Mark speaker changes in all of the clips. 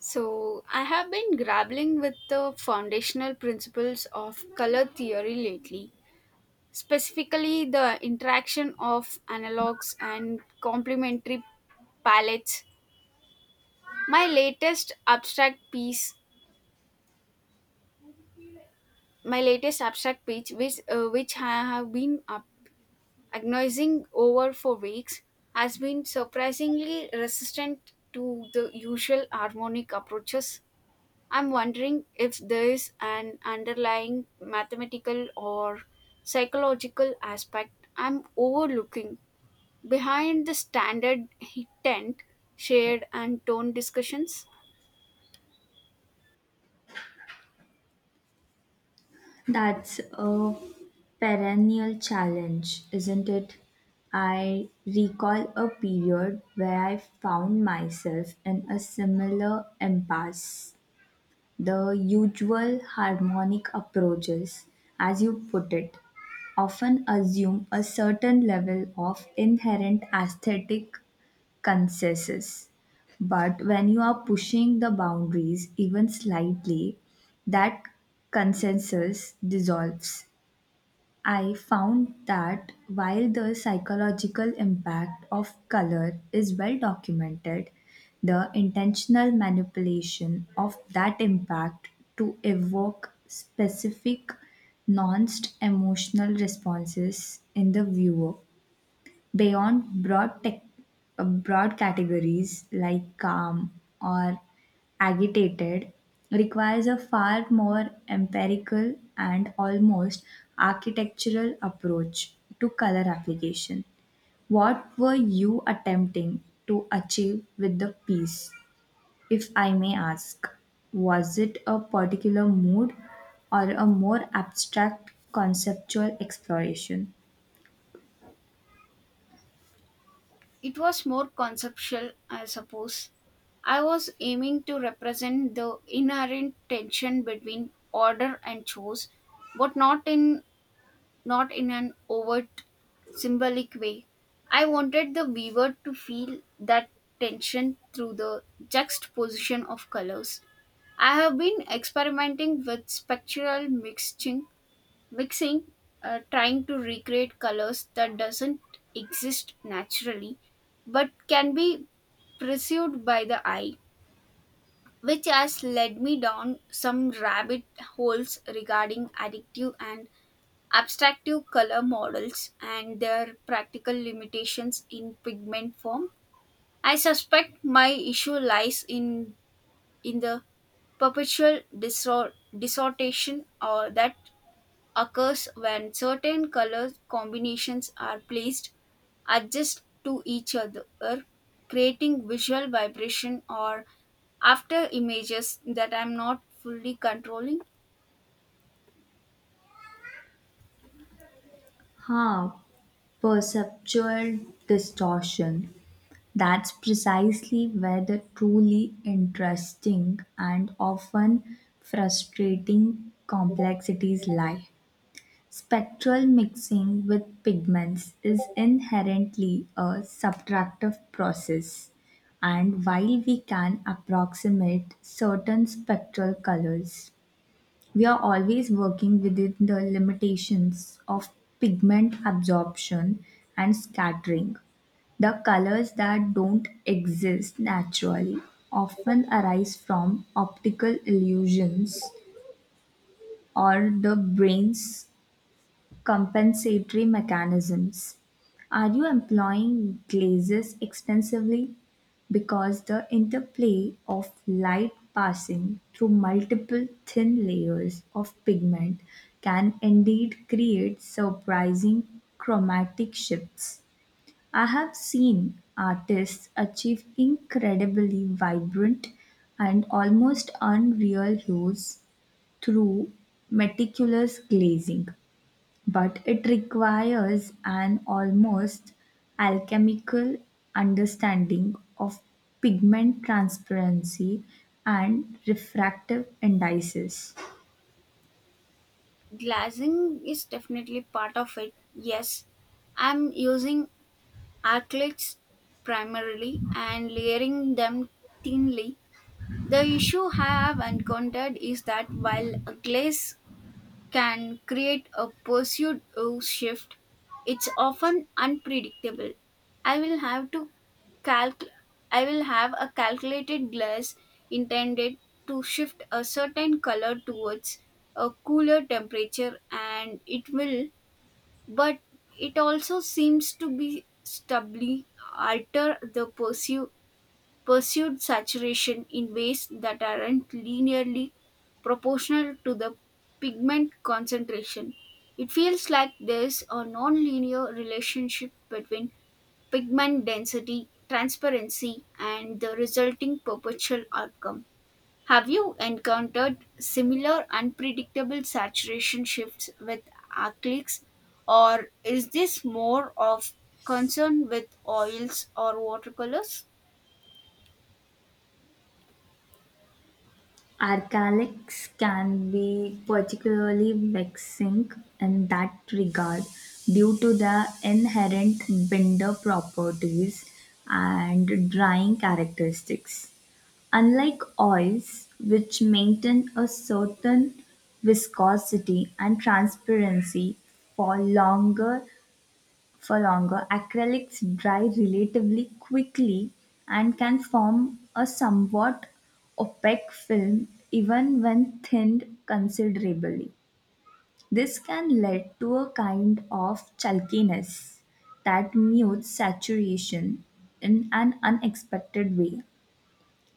Speaker 1: So, I have been grappling with the foundational principles of color theory lately, specifically the interaction of analogs and complementary palettes. My latest abstract piece, my latest abstract piece, which I have been up agonizing over for weeks, has been surprisingly resistant to the usual harmonic approaches. I'm wondering if there is an underlying mathematical or psychological aspect I'm overlooking behind the standard tent, shade, and tone discussions.
Speaker 2: That's a perennial challenge, isn't it? I recall a period where I found myself in a similar impasse. The usual harmonic approaches, as you put it, often assume a certain level of inherent aesthetic consensus. But when you are pushing the boundaries even slightly, that consensus dissolves. I found that while the psychological impact of color is well documented, the intentional manipulation of that impact to evoke specific nuanced emotional responses in the viewer beyond broad categories like calm or agitated requires a far more empirical and almost architectural approach to color application. What were you attempting to achieve with the piece, if I may ask? Was it a particular mood or a more abstract conceptual exploration?
Speaker 1: It was more conceptual, I suppose. I was aiming to represent the inherent tension between order and chores, but not in an overt symbolic way. I wanted the viewer to feel that tension through the juxtaposition of colors. I have been experimenting with spectral mixing, trying to recreate colors that doesn't exist naturally but can be perceived by the eye, which has led me down some rabbit holes regarding addictive and abstractive color models and their practical limitations in pigment form. I suspect my issue lies in the perpetual distortion or that occurs when certain color combinations are placed adjacent to each other, creating visual vibration or after images that I'm not fully controlling.
Speaker 2: Huh, Perceptual distortion. That's precisely where the truly interesting and often frustrating complexities lie. Spectral mixing with pigments is inherently a subtractive process, and while we can approximate certain spectral colors, we are always working within the limitations of pigment absorption and scattering. The colors that don't exist naturally often arise from optical illusions or the brain's compensatory mechanisms. Are you employing glazes extensively? Because the interplay of light passing through multiple thin layers of pigment can indeed create surprising chromatic shifts. I have seen artists achieve incredibly vibrant and almost unreal hues through meticulous glazing, but it requires an almost alchemical understanding of pigment transparency and refractive indices.
Speaker 1: Glazing is definitely part of it, yes. I'm using acrylics primarily and layering them thinly. The issue I have encountered is that while a glaze can create a pursuit or shift. It's often unpredictable. I will have to calc I will have a calculated glass intended to shift a certain color towards a cooler temperature and it will, but it also seems to be stably alter the perceive pursued saturation in ways that aren't linearly proportional to the pigment concentration. It feels like there's a nonlinear relationship between pigment density, transparency, and the resulting perpetual outcome. Have you encountered similar unpredictable saturation shifts with acrylics, or is this more of concern with oils or watercolors?
Speaker 2: Archaics can be particularly vexing in that regard due to their inherent binder properties and drying characteristics. Unlike oils, which maintain a certain viscosity and transparency for longer for longer, acrylics dry relatively quickly and can form a somewhat opaque film even when thinned considerably. This can lead to a kind of chalkiness that mutes saturation in an unexpected way.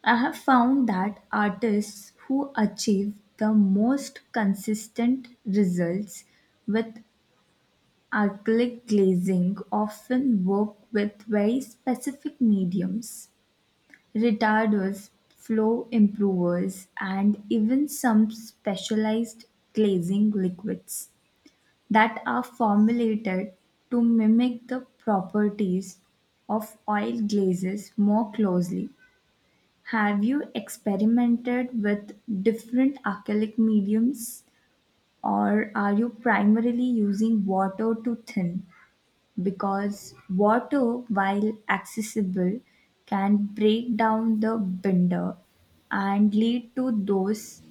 Speaker 2: I have found that artists who achieve the most consistent results with acrylic glazing often work with very specific mediums: retarders, flow improvers, and even some specialized glazing liquids that are formulated to mimic the properties of oil glazes more closely. Have you experimented with different acrylic mediums, or are you primarily using water to thin? Because water, while accessible, can break down the binder and lead to those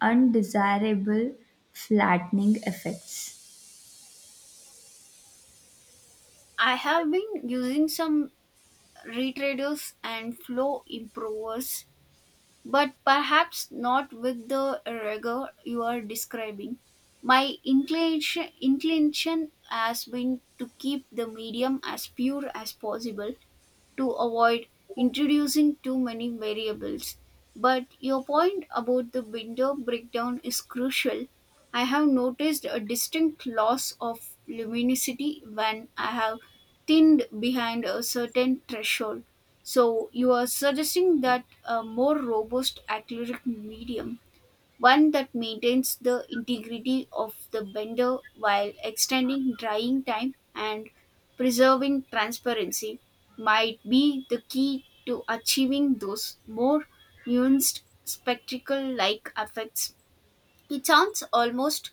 Speaker 2: undesirable flattening effects.
Speaker 1: I have been using some retraders and flow improvers, but perhaps not with the rigor you are describing. My inclination has been to keep the medium as pure as possible, to avoid introducing too many variables. But your point about the window breakdown is crucial. I have noticed a distinct loss of luminosity when I have thinned behind a certain threshold. So, you are suggesting that a more robust acrylic medium, one that maintains the integrity of the blender while extending drying time and preserving transparency, might be the key to achieving those more nuanced spectacle like effects. It sounds almost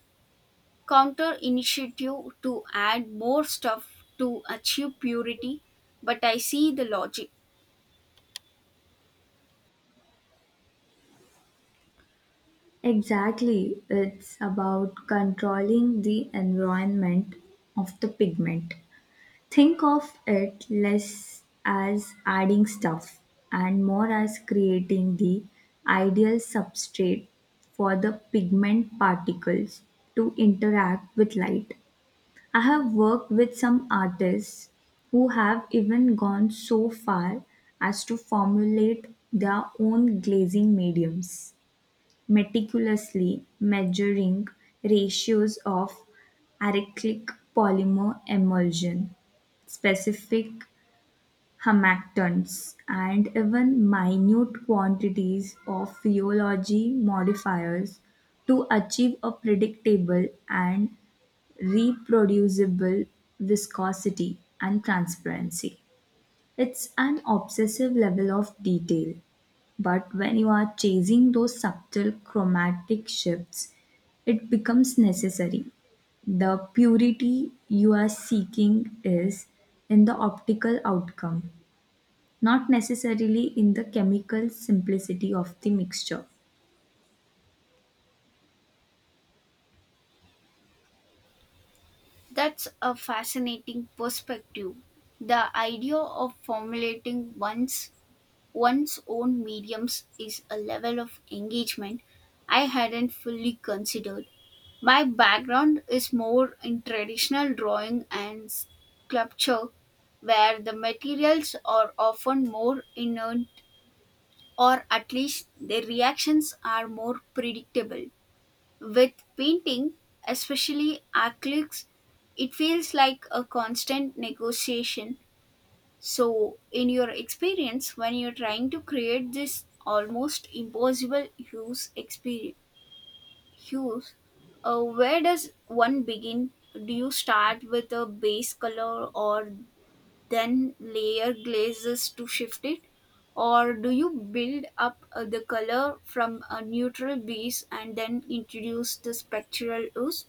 Speaker 1: counter initiative to add more stuff to achieve purity, but I see the logic.
Speaker 2: Exactly, it's about controlling the environment of the pigment. Think of it less as adding stuff and more as creating the ideal substrate for the pigment particles to interact with light. I have worked with some artists who have even gone so far as to formulate their own glazing mediums, meticulously measuring ratios of acyclic polymer emulsion, specific humectants, and even minute quantities of rheology modifiers to achieve a predictable and reproducible viscosity and transparency. It's an obsessive level of detail, but when you are chasing those subtle chromatic shifts, it becomes necessary. The purity you are seeking is in the optical outcome, not necessarily in the chemical simplicity of the mixture.
Speaker 1: That's a fascinating perspective. The idea of formulating one's one's own mediums is a level of engagement I hadn't fully considered. My background is more in traditional drawing and sculpture, where the materials are often more inert or at least their reactions are more predictable. With painting, especially acrylics, it feels like a constant negotiation. So, in your experience, when you're trying to create this almost impossible use experience, hues, where does one begin? Do you start with a base color or then layer glazes to shift it? Or do you build up the color from a neutral base and then introduce the spectral hues?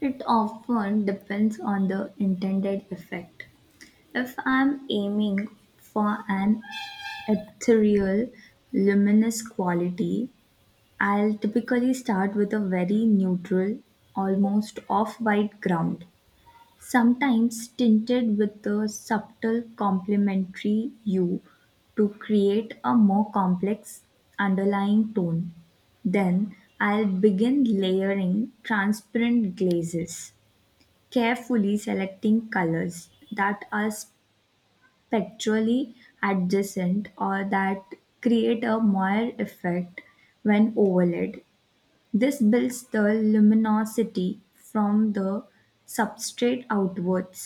Speaker 2: It often depends on the intended effect. If I'm aiming for an ethereal, luminous quality, I'll typically start with a very neutral, almost off white ground, sometimes tinted with a subtle complementary hue to create a more complex underlying tone. Then I'll begin layering transparent glazes, carefully selecting colors that are spectrally adjacent or that create a moire effect when overlaid. This builds the luminosity from the substrate outwards.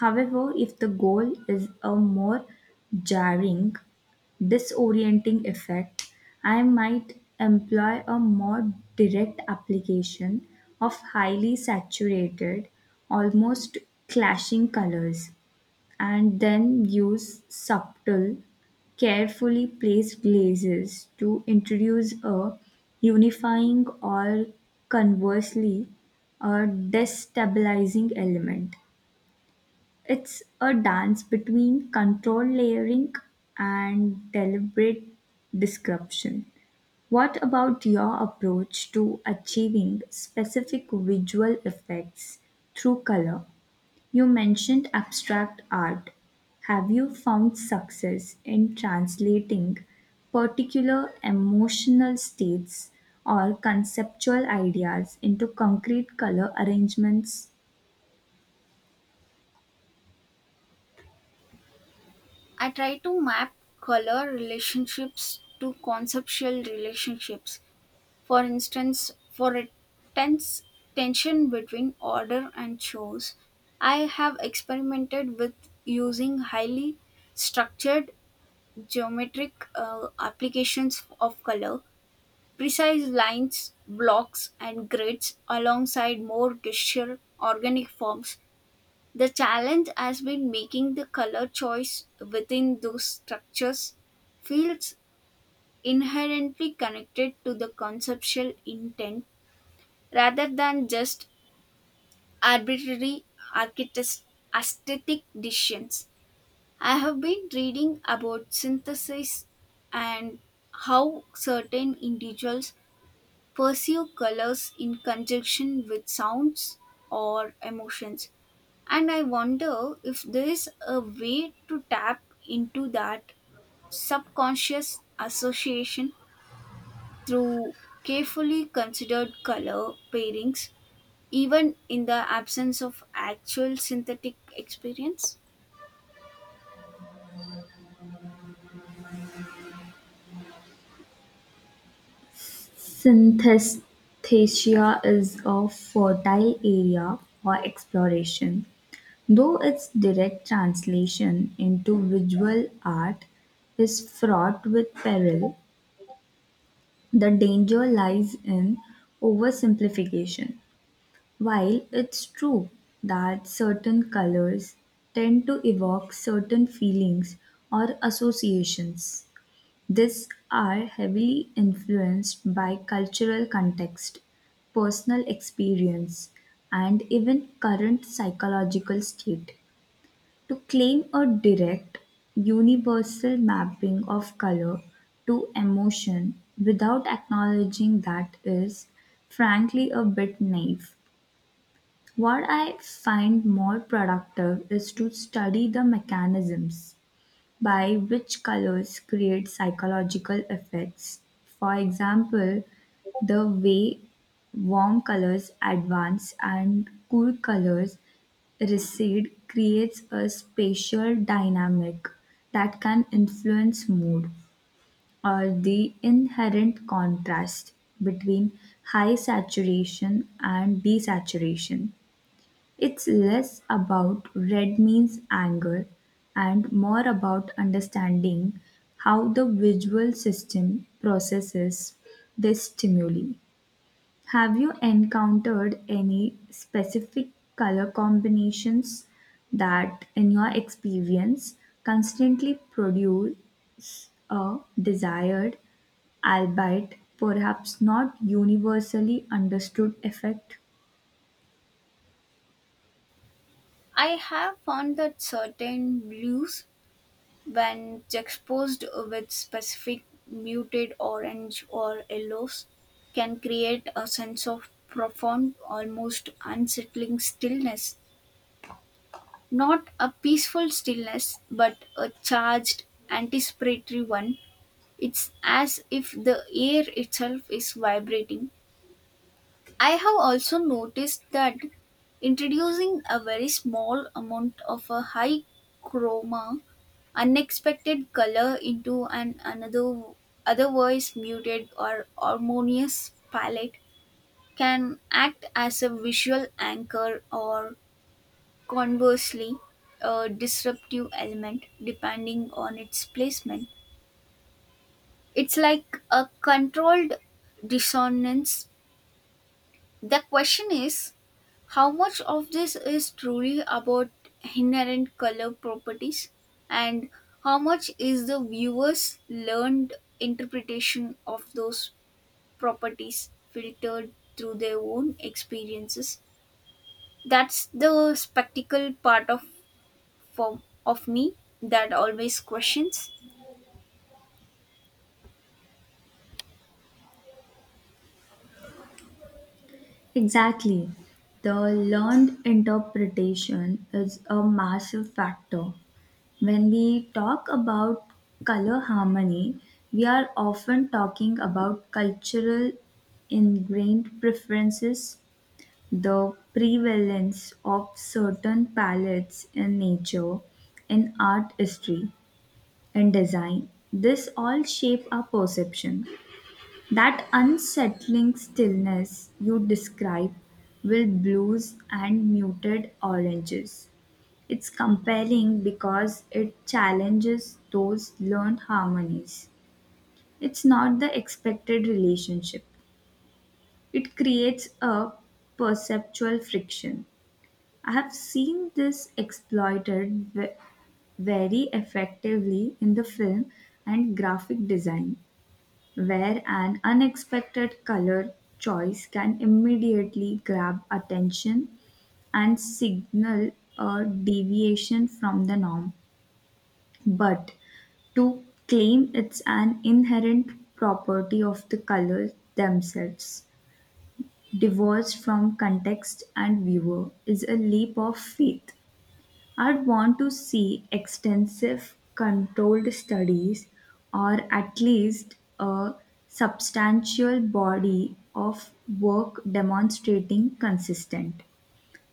Speaker 2: However, if the goal is a more jarring, disorienting effect, I might employ a more direct application of highly saturated, almost clashing colors, and then use subtle, carefully placed glazes to introduce a unifying or, conversely, a destabilizing element. It's a dance between control layering and deliberate description. What about your approach to achieving specific visual effects through color? You mentioned abstract art; have you found success in translating particular emotional states or conceptual ideas into concrete color arrangements?
Speaker 1: I try to map color relationships to conceptual relationships. For instance, for a tense tension between order and chores, I have experimented with using highly structured geometric applications of color, precise lines, blocks, and grids alongside more gesture organic forms. The challenge has been making the color choice within those structures feels inherently connected to the conceptual intent rather than just arbitrary architect- aesthetic decisions. I have been reading about synthesis and how certain individuals pursue colors in conjunction with sounds or emotions. And I wonder if there is a way to tap into that subconscious association through carefully considered color pairings, even in the absence of actual synthetic experience.
Speaker 2: Synesthesia is a fertile area for exploration, though its direct translation into visual art is fraught with peril. The danger lies in oversimplification. While it's true that certain colors tend to evoke certain feelings or associations, these are heavily influenced by cultural context, personal experience, and even current psychological state. To claim a direct, universal mapping of color to emotion without acknowledging that is, frankly, a bit naive. What I find more productive is to study the mechanisms by which colors create psychological effects. For example, the way warm colors advance and cool colors recede creates a spatial dynamic that can influence mood, or the inherent contrast between high saturation and desaturation. It's less about red means anger and more about understanding how the visual system processes this stimuli. Have you encountered any specific color combinations that, in your experience, constantly produce a desired, albeit perhaps not universally understood effect?
Speaker 1: I have found that certain blues, when juxtaposed with specific muted orange or yellows, can create a sense of profound, almost unsettling stillness. Not a peaceful stillness, but a charged, anticipatory one. It's as if the air itself is vibrating. I have also noticed that introducing a very small amount of a high chroma, unexpected color into an another otherwise muted or harmonious palette can act as a visual anchor or, conversely, a disruptive element, depending on its placement. It's like a controlled dissonance. The question is how much of this is truly about inherent color properties and how much is the viewer's learned interpretation of those properties filtered through their own experiences? That's the spectacle part of for of me that always questions.
Speaker 2: Exactly. The learned interpretation is a massive factor. When we talk about color harmony, we are often talking about cultural ingrained preferences, the prevalence of certain palettes in nature, in art history, and design. This all shape our perception. That unsettling stillness you describe with blues and muted oranges. It's compelling because it challenges those learned harmonies. It's not the expected relationship, it creates a perceptual friction. I have seen this exploited very effectively in the film and graphic design, where an unexpected color choice can immediately grab attention and signal a deviation from the norm. But to claim it's an inherent property of the colors themselves, divorced from context and viewer, is a leap of faith. I'd want to see extensive controlled studies, or at least a substantial body of work demonstrating consistent,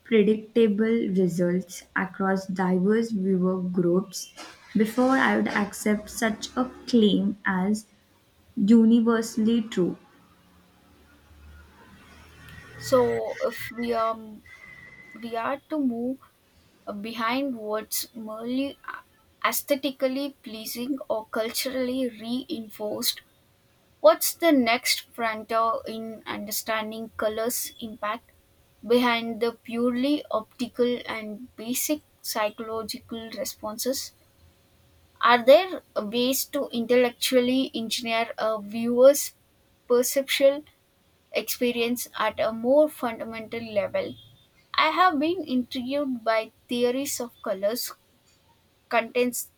Speaker 2: predictable results across diverse viewer groups, before I would accept such a claim as universally true.
Speaker 1: So if we are to move behind what's merely aesthetically pleasing or culturally reinforced, what's the next frontier in understanding colors impact behind the purely optical and basic psychological responses? Are there ways to intellectually engineer a viewer's perceptual experience at a more fundamental level? I have been intrigued by theories of colors, contents,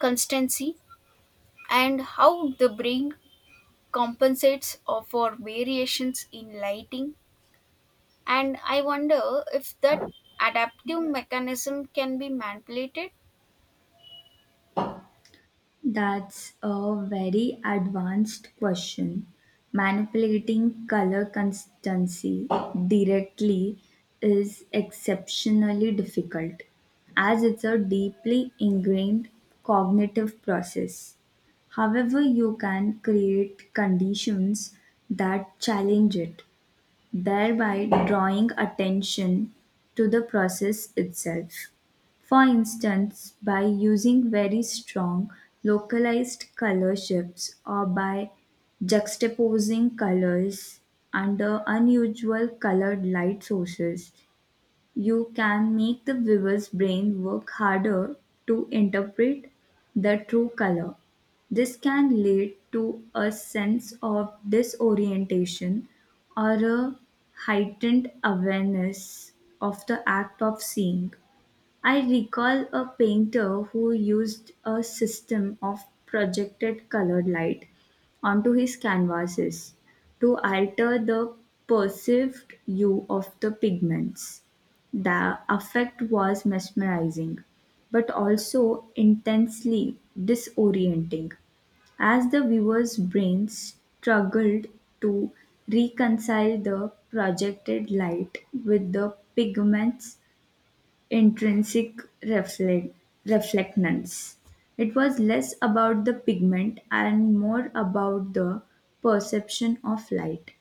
Speaker 1: constancy, and how the brain compensates for variations in lighting. And I wonder if that adaptive mechanism can be manipulated.
Speaker 2: That's a very advanced question. Manipulating color constancy directly is exceptionally difficult as it's a deeply ingrained cognitive process. However, you can create conditions that challenge it, thereby drawing attention to the process itself. For instance, by using very strong localized color shifts or by juxtaposing colors under unusual colored light sources, you can make the viewer's brain work harder to interpret the true color. This can lead to a sense of disorientation or a heightened awareness of the act of seeing. I recall a painter who used a system of projected colored light onto his canvases to alter the perceived hue of the pigments. The effect was mesmerizing, but also intensely disorienting as the viewer's brain struggled to reconcile the projected light with the pigments intrinsic reflectance. It was less about the pigment and more about the perception of light.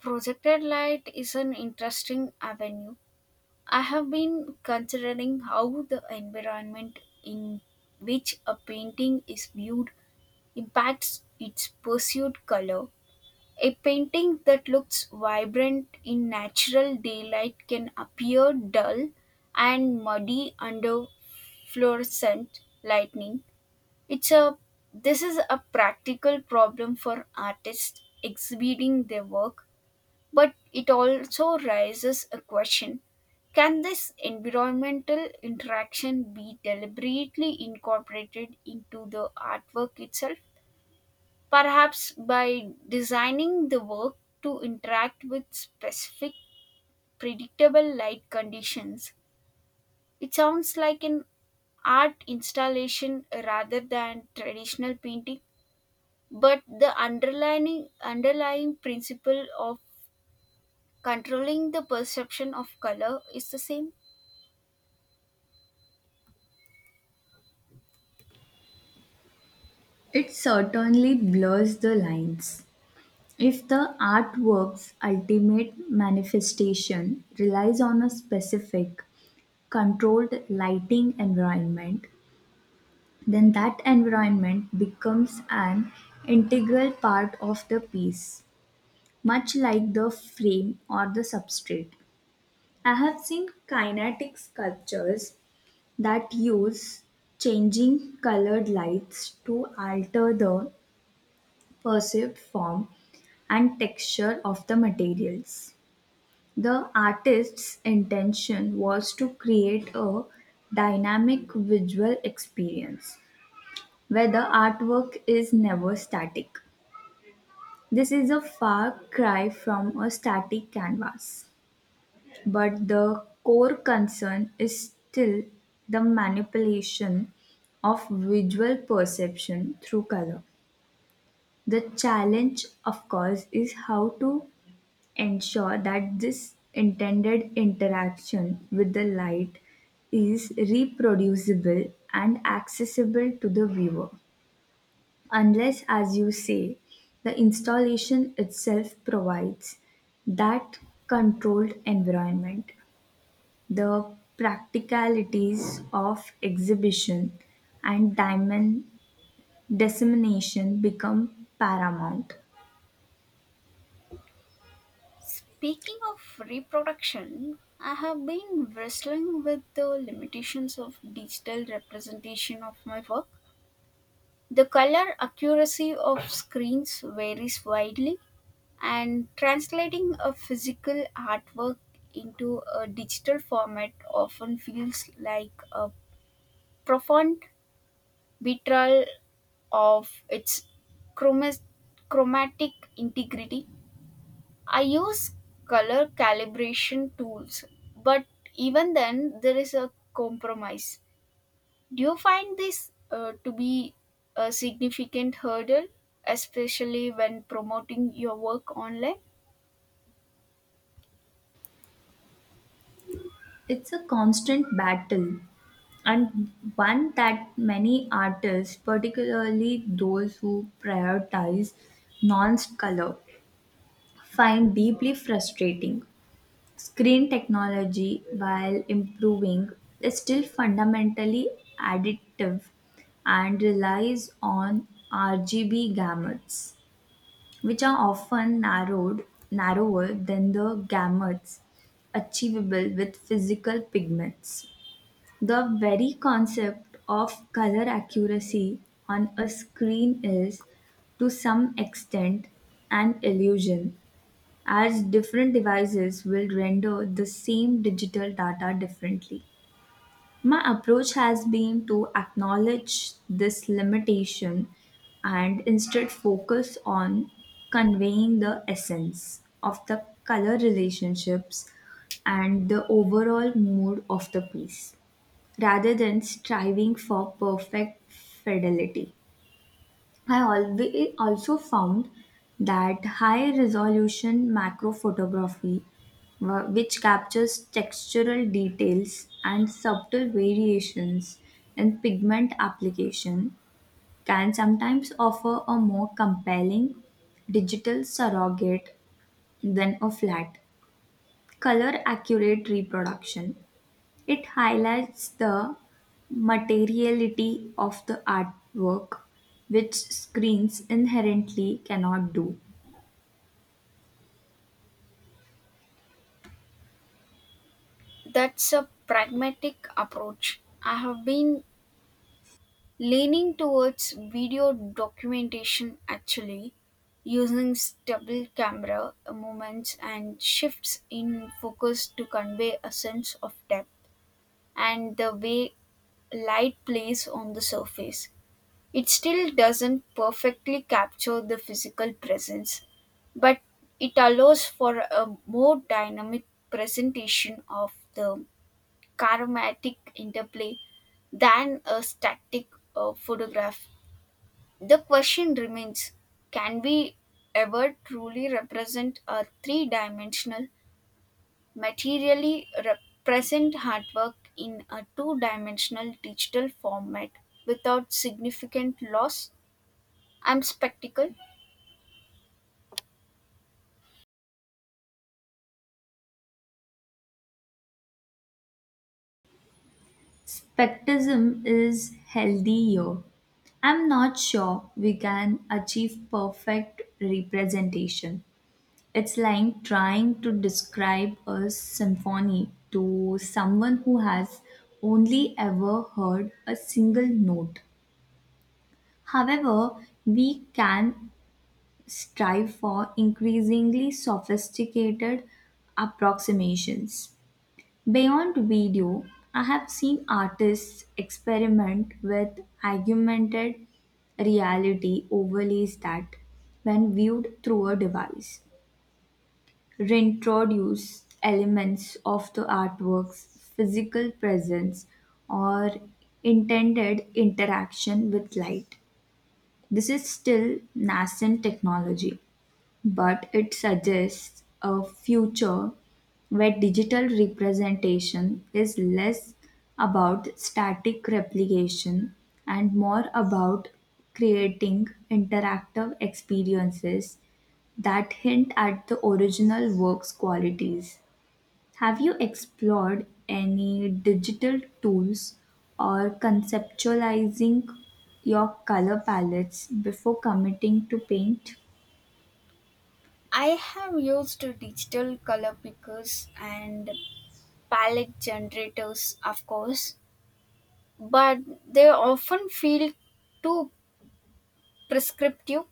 Speaker 1: Projected light is an interesting avenue. I have been considering how the environment in which a painting is viewed impacts its perceived color. A painting that looks vibrant in natural daylight can appear dull and muddy under fluorescent lightning. It's a This is a practical problem for artists exhibiting their work, but it also raises a question: can this environmental interaction be deliberately incorporated into the artwork itself? Perhaps by designing the work to interact with specific predictable light conditions. It sounds like an art installation rather than traditional painting, but the underlying principle of controlling the perception of color is the same.
Speaker 2: It certainly blurs the lines. If the artwork's ultimate manifestation relies on a specific, controlled lighting environment, then that environment becomes an integral part of the piece, much like the frame or the substrate. I have seen kinetic sculptures that use changing colored lights to alter the perceived form and texture of the materials. The artist's intention was to create a dynamic visual experience where the artwork is never static. This is a far cry from a static canvas. But the core concern is still the manipulation of visual perception through color. The challenge, of course, is how to ensure that this intended interaction with the light is reproducible and accessible to the viewer. Unless, as you say, the installation itself provides that controlled environment, the practicalities of exhibition and diamond dissemination become paramount.
Speaker 1: Speaking of reproduction, I have been wrestling with the limitations of digital representation of my work. The color accuracy of screens varies widely, and translating a physical artwork into a digital format often feels like a profound betrayal of its chromas- chromatic integrity. I use color calibration tools, but even then, there is a compromise. Do you find this to be a significant hurdle, especially when promoting your work online?
Speaker 2: It's a constant battle, and one that many artists, particularly those who prioritize non color, find deeply frustrating. Screen technology, while improving, is still fundamentally additive and relies on RGB gamuts, which are often narrower than the gamuts achievable with physical pigments. The very concept of color accuracy on a screen is, to some extent, an illusion, as different devices will render the same digital data differently. My approach has been to acknowledge this limitation and instead focus on conveying the essence of the color relationships and the overall mood of the piece rather than striving for perfect fidelity. I always also found that high resolution macro photography, which captures textural details and subtle variations in pigment application, can sometimes offer a more compelling digital surrogate than a flat, color accurate reproduction. It highlights the materiality of the artwork, which screens inherently cannot do.
Speaker 1: That's a pragmatic approach. I have been leaning towards video documentation actually, using stable camera movements and shifts in focus to convey a sense of depth and the way light plays on the surface. It still doesn't perfectly capture the physical presence, but it allows for a more dynamic presentation of the charismatic interplay than a static photograph. The question remains, can we ever truly represent a three dimensional materially represent artwork in a two dimensional digital format without significant loss? I'm spectacle.
Speaker 2: Spectism is healthier. I'm not sure we can achieve perfect representation. It's like trying to describe a symphony to someone who has only ever heard a single note. However, we can strive for increasingly sophisticated approximations. Beyond video, I have seen artists experiment with augmented reality overlays that, when viewed through a device, reintroduce elements of the artwork's physical presence or intended interaction with light. This is still nascent technology, but it suggests a future where digital representation is less about static replication and more about creating interactive experiences that hint at the original work's qualities. Have you explored any digital tools or conceptualizing your color palettes before committing to paint?
Speaker 1: I have used digital color pickers and palette generators, of course, but they often feel too prescriptive.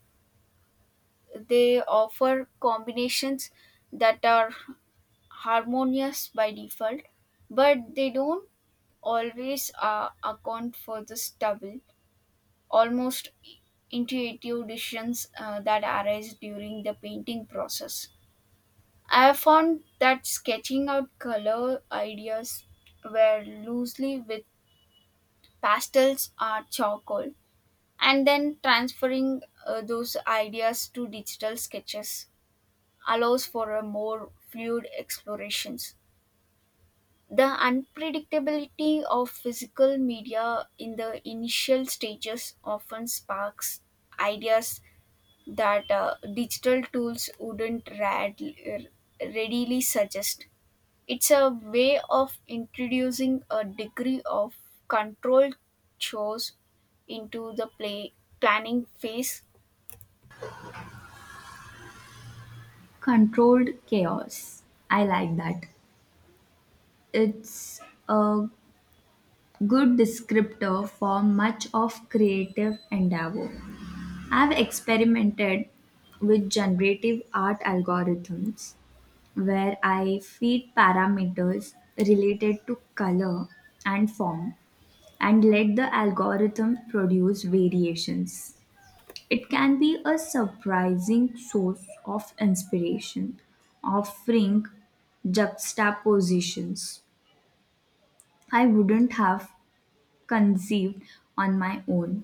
Speaker 1: They offer combinations that are harmonious by default, but they don't always account for the stubble, almost intuitive decisions that arise during the painting process. I have found that sketching out color ideas were loosely with pastels or charcoal and then transferring those ideas to digital sketches allows for a more fluid explorations. The unpredictability of physical media in the initial stages often sparks ideas that digital tools wouldn't rad- readily suggest. It's a way of introducing a degree of control chores into the play planning phase.
Speaker 2: Controlled chaos. I like that. It's a good descriptor for much of creative endeavor. I've experimented with generative art algorithms where I feed parameters related to color and form and let the algorithm produce variations. It can be a surprising source of inspiration, offering juxtapositions I wouldn't have conceived on my own.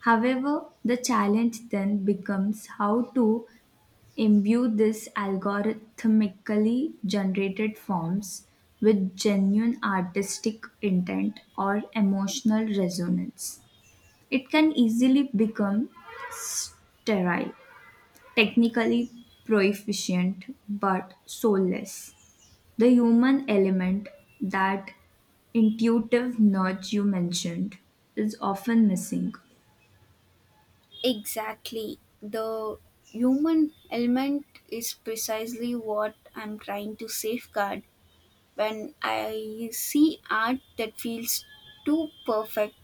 Speaker 2: However, the challenge then becomes how to imbue these algorithmically generated forms with genuine artistic intent or emotional resonance. It can easily become sterile, technically proficient but soulless. The human element, that intuitive nudge you mentioned, is often missing.
Speaker 1: Exactly. The human element is precisely what I'm trying to safeguard. When I see art that feels too perfect,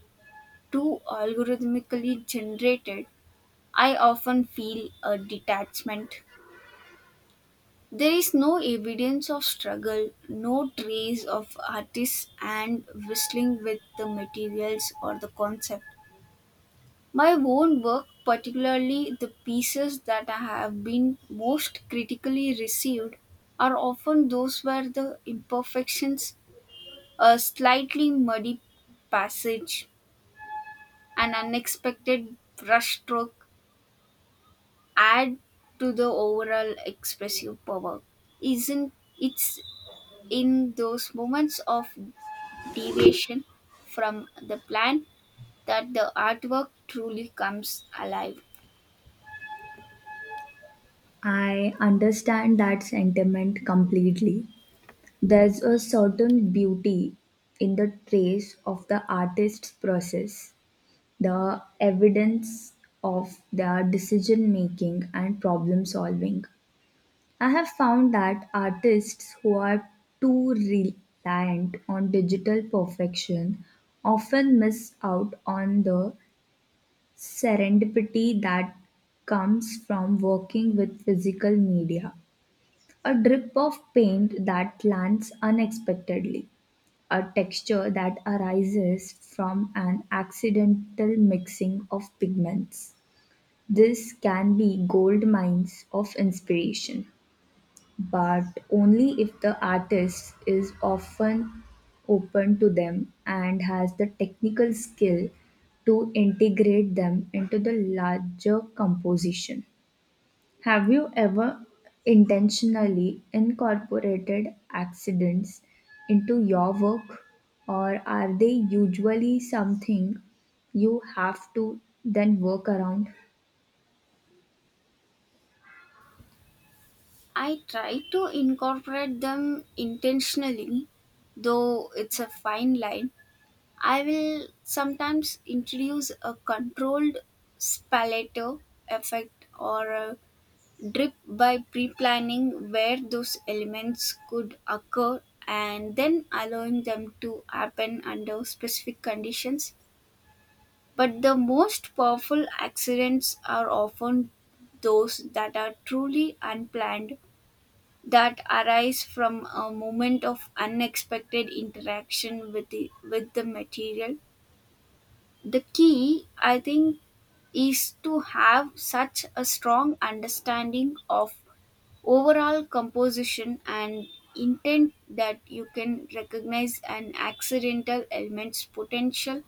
Speaker 1: too algorithmically generated, I often feel a detachment. There is no evidence of struggle, no trace of artists and whistling with the materials or the concept. My own work, particularly the pieces that have been most critically received, are often those where the imperfections, a slightly muddy passage, an unexpected brushstroke, add to the overall expressive power. Isn't It's in those moments of deviation from the plan that the artwork truly comes alive.
Speaker 2: I understand that sentiment completely. There's a certain beauty in the trace of the artist's process, the evidence of their decision making and problem solving. I have found that artists who are too reliant on digital perfection often miss out on the serendipity that comes from working with physical media. A drip of paint that lands unexpectedly, a texture that arises from an accidental mixing of pigments. This can be gold mines of inspiration, but only if the artist is often open to them and has the technical skill to integrate them into the larger composition. Have you ever intentionally incorporated accidents into your work, or are they usually something you have to then work around?
Speaker 1: I try to incorporate them intentionally, though it's a fine line. I will sometimes introduce a controlled spalato effect or a drip by pre planning where those elements could occur and then allowing them to happen under specific conditions. But the most powerful accidents are often those that are truly unplanned, that arise from a moment of unexpected interaction with the material. The key, I think, is to have such a strong understanding of overall composition and intent that you can recognize an accidental element's potential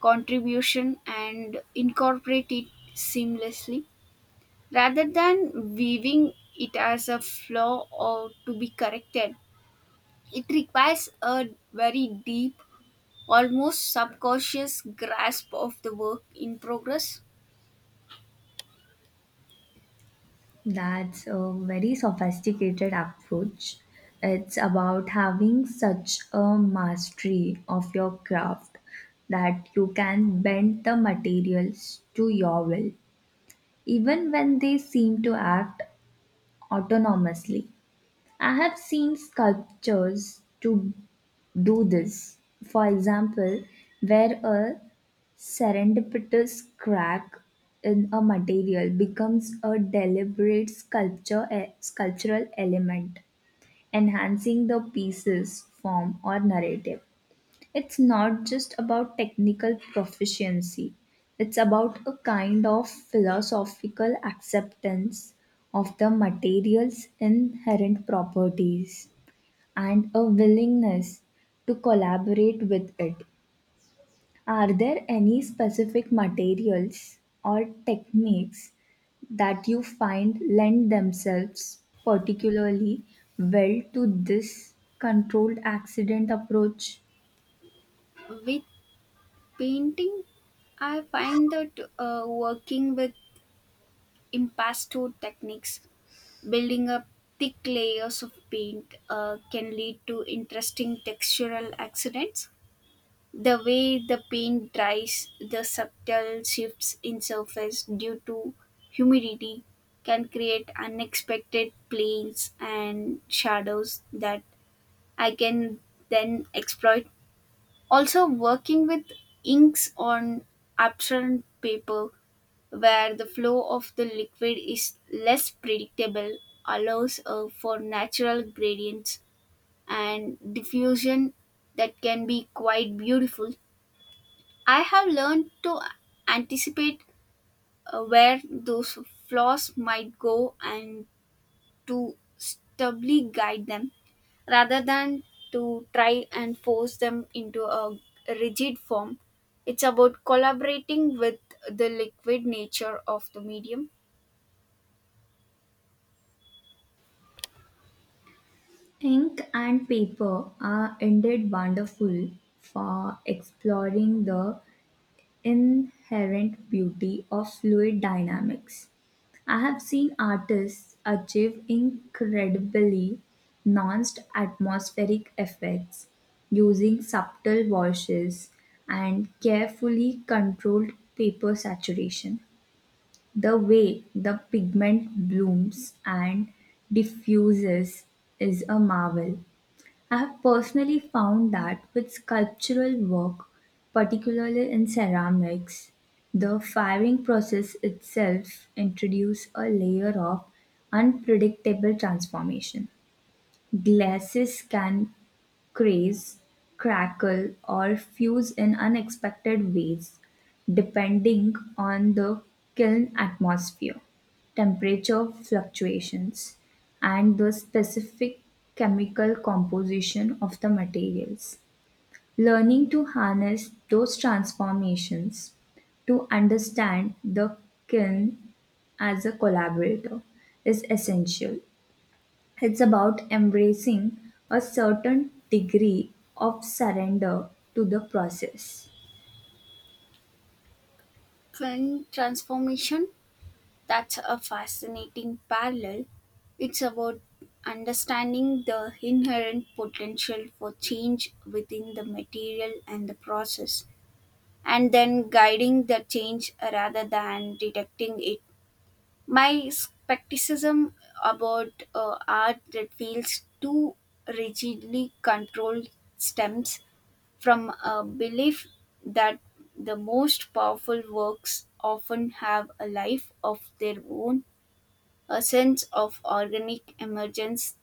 Speaker 1: contribution and incorporate it seamlessly rather than viewing it as a flaw or to be corrected. It requires a very deep, almost subconscious grasp of the work in progress.
Speaker 2: That's a very sophisticated approach. It's about having such a mastery of your craft that you can bend the materials to your will, even when they seem to act autonomously. I have seen sculptures to do this. For example, where a serendipitous crack in a material becomes a deliberate sculptural element enhancing the piece's form or narrative. It's not just about technical proficiency, it's about a kind of philosophical acceptance of the material's inherent properties and a willingness to collaborate with it. Are there any specific materials or techniques that you find lend themselves particularly well to this controlled accident approach?
Speaker 1: With painting, I find that working with impasto techniques, building up thick layers of paint, can lead to interesting textural accidents. The way the paint dries, the subtle shifts in surface due to humidity can create unexpected planes and shadows that I can then exploit. Also, working with inks on absorbent paper, where the flow of the liquid is less predictable, allows for natural gradients and diffusion that can be quite beautiful. I have learned to anticipate where those flaws might go and to stably guide them rather than to try and force them into a rigid form. It's about collaborating with the liquid nature of the medium.
Speaker 2: Ink and paper are indeed wonderful for exploring the inherent beauty of fluid dynamics. I have seen artists achieve incredibly nuanced atmospheric effects using subtle washes and carefully controlled paper saturation. The way the pigment blooms and diffuses is a marvel. I have personally found that with sculptural work, particularly in ceramics, the firing process itself introduces a layer of unpredictable transformation. Glasses can craze, crackle, or fuse in unexpected ways, depending on the kiln atmosphere, temperature fluctuations, and the specific chemical composition of the materials. Learning to harness those transformations, to understand the kiln as a collaborator, is essential. It's about embracing a certain degree of surrender to the process.
Speaker 1: Trend transformation, that's a fascinating parallel. It's about understanding the inherent potential for change within the material and the process, and then guiding the change rather than detecting it. My skepticism about art that feels too rigidly controlled stems from a belief that the most powerful works often have a life of their own, a sense of organic emergence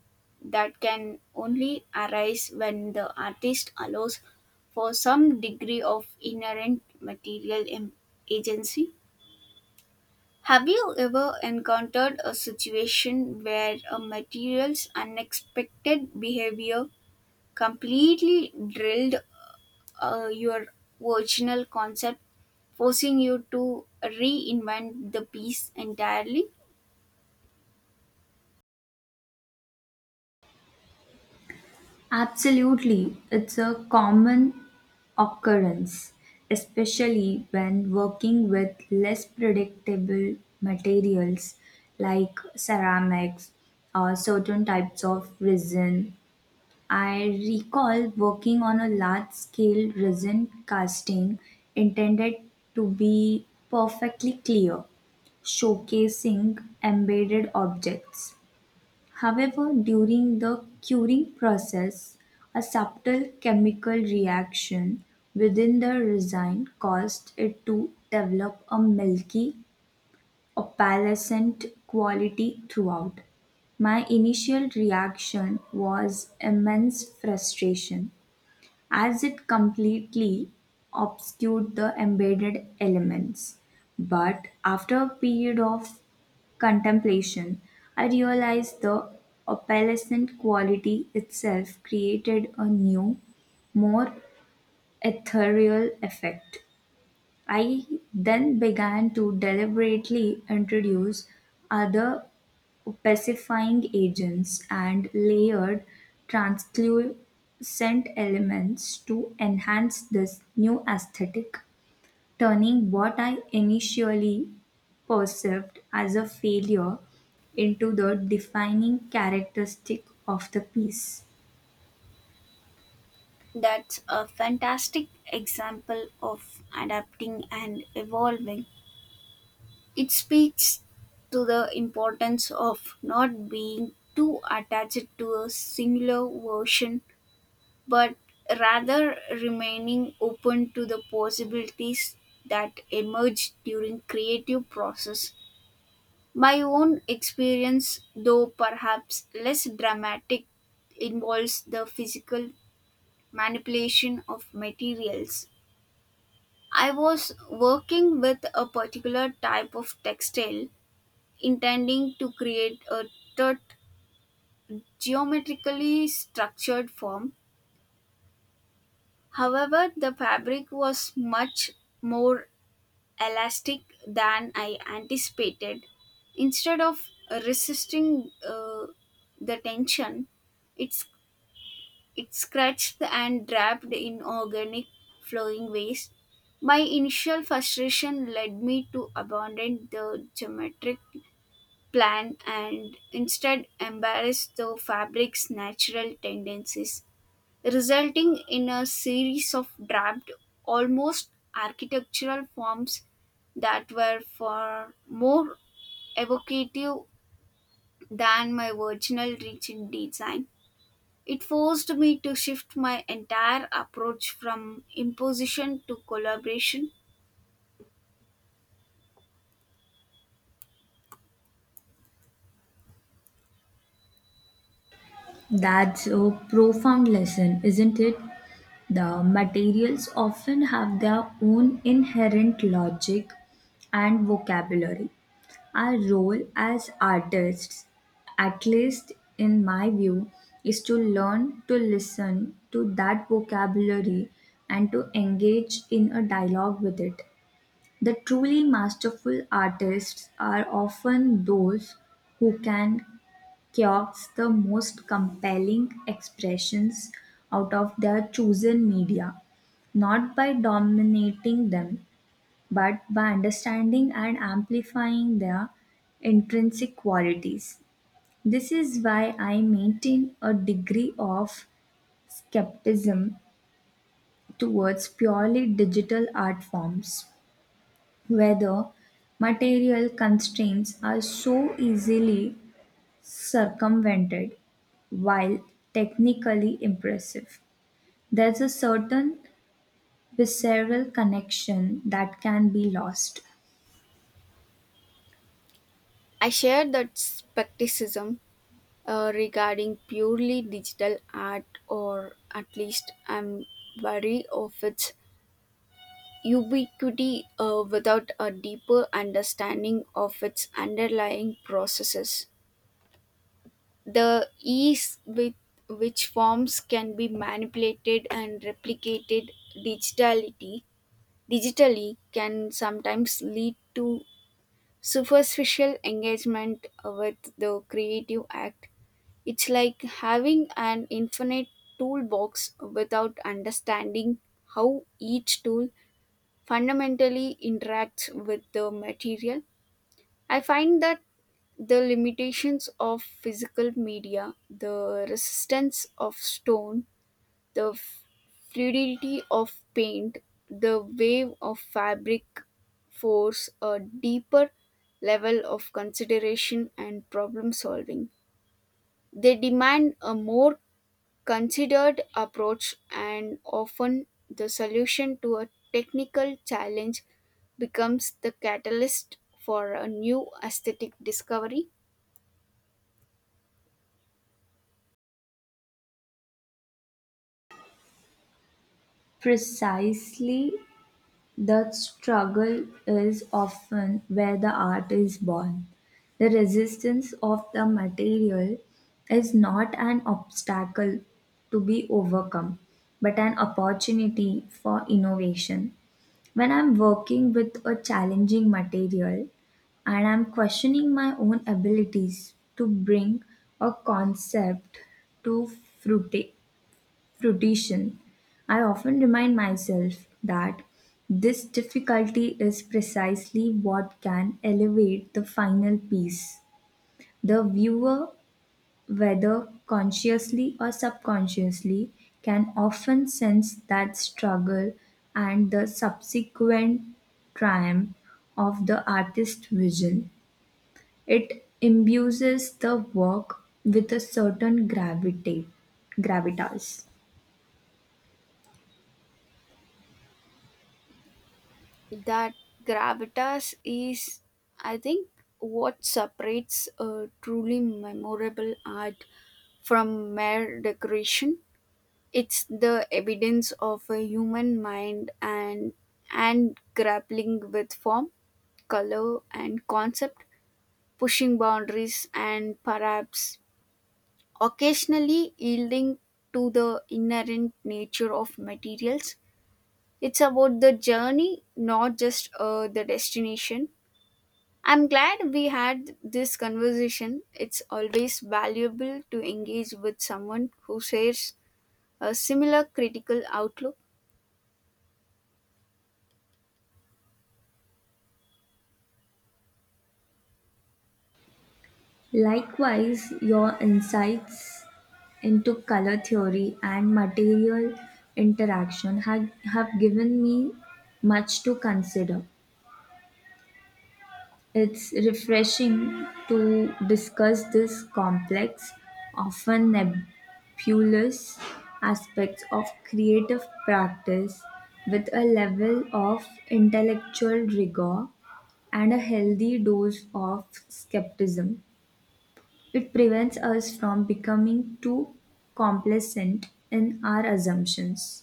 Speaker 1: that can only arise when the artist allows for some degree of inherent material agency. Have you ever encountered a situation where a material's unexpected behavior completely drilled your original concept, forcing you to reinvent the piece entirely?
Speaker 2: Absolutely, it's a common occurrence, especially when working with less predictable materials like ceramics or certain types of resin. I recall working on a large scale resin casting intended to be perfectly clear, showcasing embedded objects. However, during the curing process, a subtle chemical reaction within the resin caused it to develop a milky, opalescent quality throughout. My initial reaction was immense frustration as it completely obscured the embedded elements. But after a period of contemplation, I realized the opalescent quality itself created a new, more ethereal effect. I then began to deliberately introduce other pacifying agents and layered translucent elements to enhance this new aesthetic, turning what I initially perceived as a failure into the defining characteristic of the piece.
Speaker 1: That's a fantastic example of adapting and evolving. It speaks to the importance of not being too attached to a singular version but rather remaining open to the possibilities that emerge during creative process. My own experience, though perhaps less dramatic, involves the physical manipulation of materials. I was working with a particular type of textile intending to create a taut geometrically structured form. However, the fabric was much more elastic than I anticipated. Instead of resisting the tension, it's it scratched and wrapped in organic flowing ways. My initial frustration led me to abandon the geometric plan and instead embrace the fabric's natural tendencies, resulting in a series of draped, almost architectural forms that were far more evocative than my original reach in design. It forced me to shift my entire approach from imposition to collaboration.
Speaker 2: That's a profound lesson, isn't it? The materials often have their own inherent logic and vocabulary. Our role as artists, at least in my view, is to learn to listen to that vocabulary and to engage in a dialogue with it. The truly masterful artists are often those who can quotes the most compelling expressions out of their chosen media, not by dominating them, but by understanding and amplifying their intrinsic qualities. This is why I maintain a degree of skepticism towards purely digital art forms, whether material constraints are so easily circumvented, while technically impressive. There's a certain visceral connection that can be lost.
Speaker 1: I share that skepticism regarding purely digital art, or at least I'm wary of its ubiquity without a deeper understanding of its underlying processes. The ease with which forms can be manipulated and replicated digitality digitally can sometimes lead to superficial engagement with the creative act. It's like having an infinite toolbox without understanding how each tool fundamentally interacts with the material. I find that the limitations of physical media, the resistance of stone, the fluidity of paint, the wave of fabric force a deeper level of consideration and problem solving. They demand a more considered approach, and often the solution to a technical challenge becomes the catalyst for a new aesthetic discovery.
Speaker 2: Precisely. That struggle is often where the art is born. The resistance of the material is not an obstacle to be overcome, but an opportunity for innovation. When I'm working with a challenging material and I'm questioning my own abilities to bring a concept to fruition, rotation, I often remind myself that this difficulty is precisely what can elevate the final piece. The viewer, whether consciously or subconsciously, can often sense that struggle and the subsequent triumph of the artist's vision. It imbues the work with a certain gravitas.
Speaker 1: That gravitas is, I think, what separates a truly memorable art from mere decoration. It's the evidence of a human mind and grappling with form, color and concept, pushing boundaries and perhaps occasionally yielding to the inherent nature of materials. It's about the journey, not just the destination. I'm glad we had this conversation. It's always valuable to engage with someone who shares a similar critical outlook.
Speaker 2: Likewise, your insights into color theory and material interaction have given me much to consider. It's refreshing to discuss this complex, often nebulous aspects of creative practice with a level of intellectual rigor and a healthy dose of skepticism. It prevents us from becoming too complacent in our assumptions.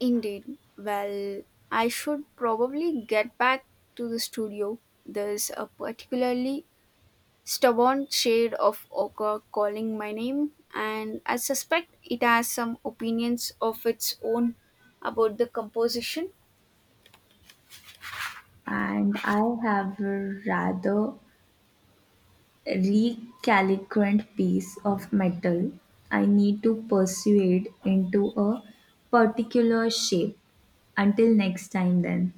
Speaker 1: Indeed. Well, I should probably get back to the studio. There's a particularly stubborn shade of ochre calling my name, and I suspect it has some opinions of its own about the composition.
Speaker 2: And I have a rather recalcitrant piece of metal I need to persuade into a particular shape. Until next time, then.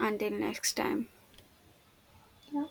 Speaker 1: Until next time.
Speaker 2: Yeah.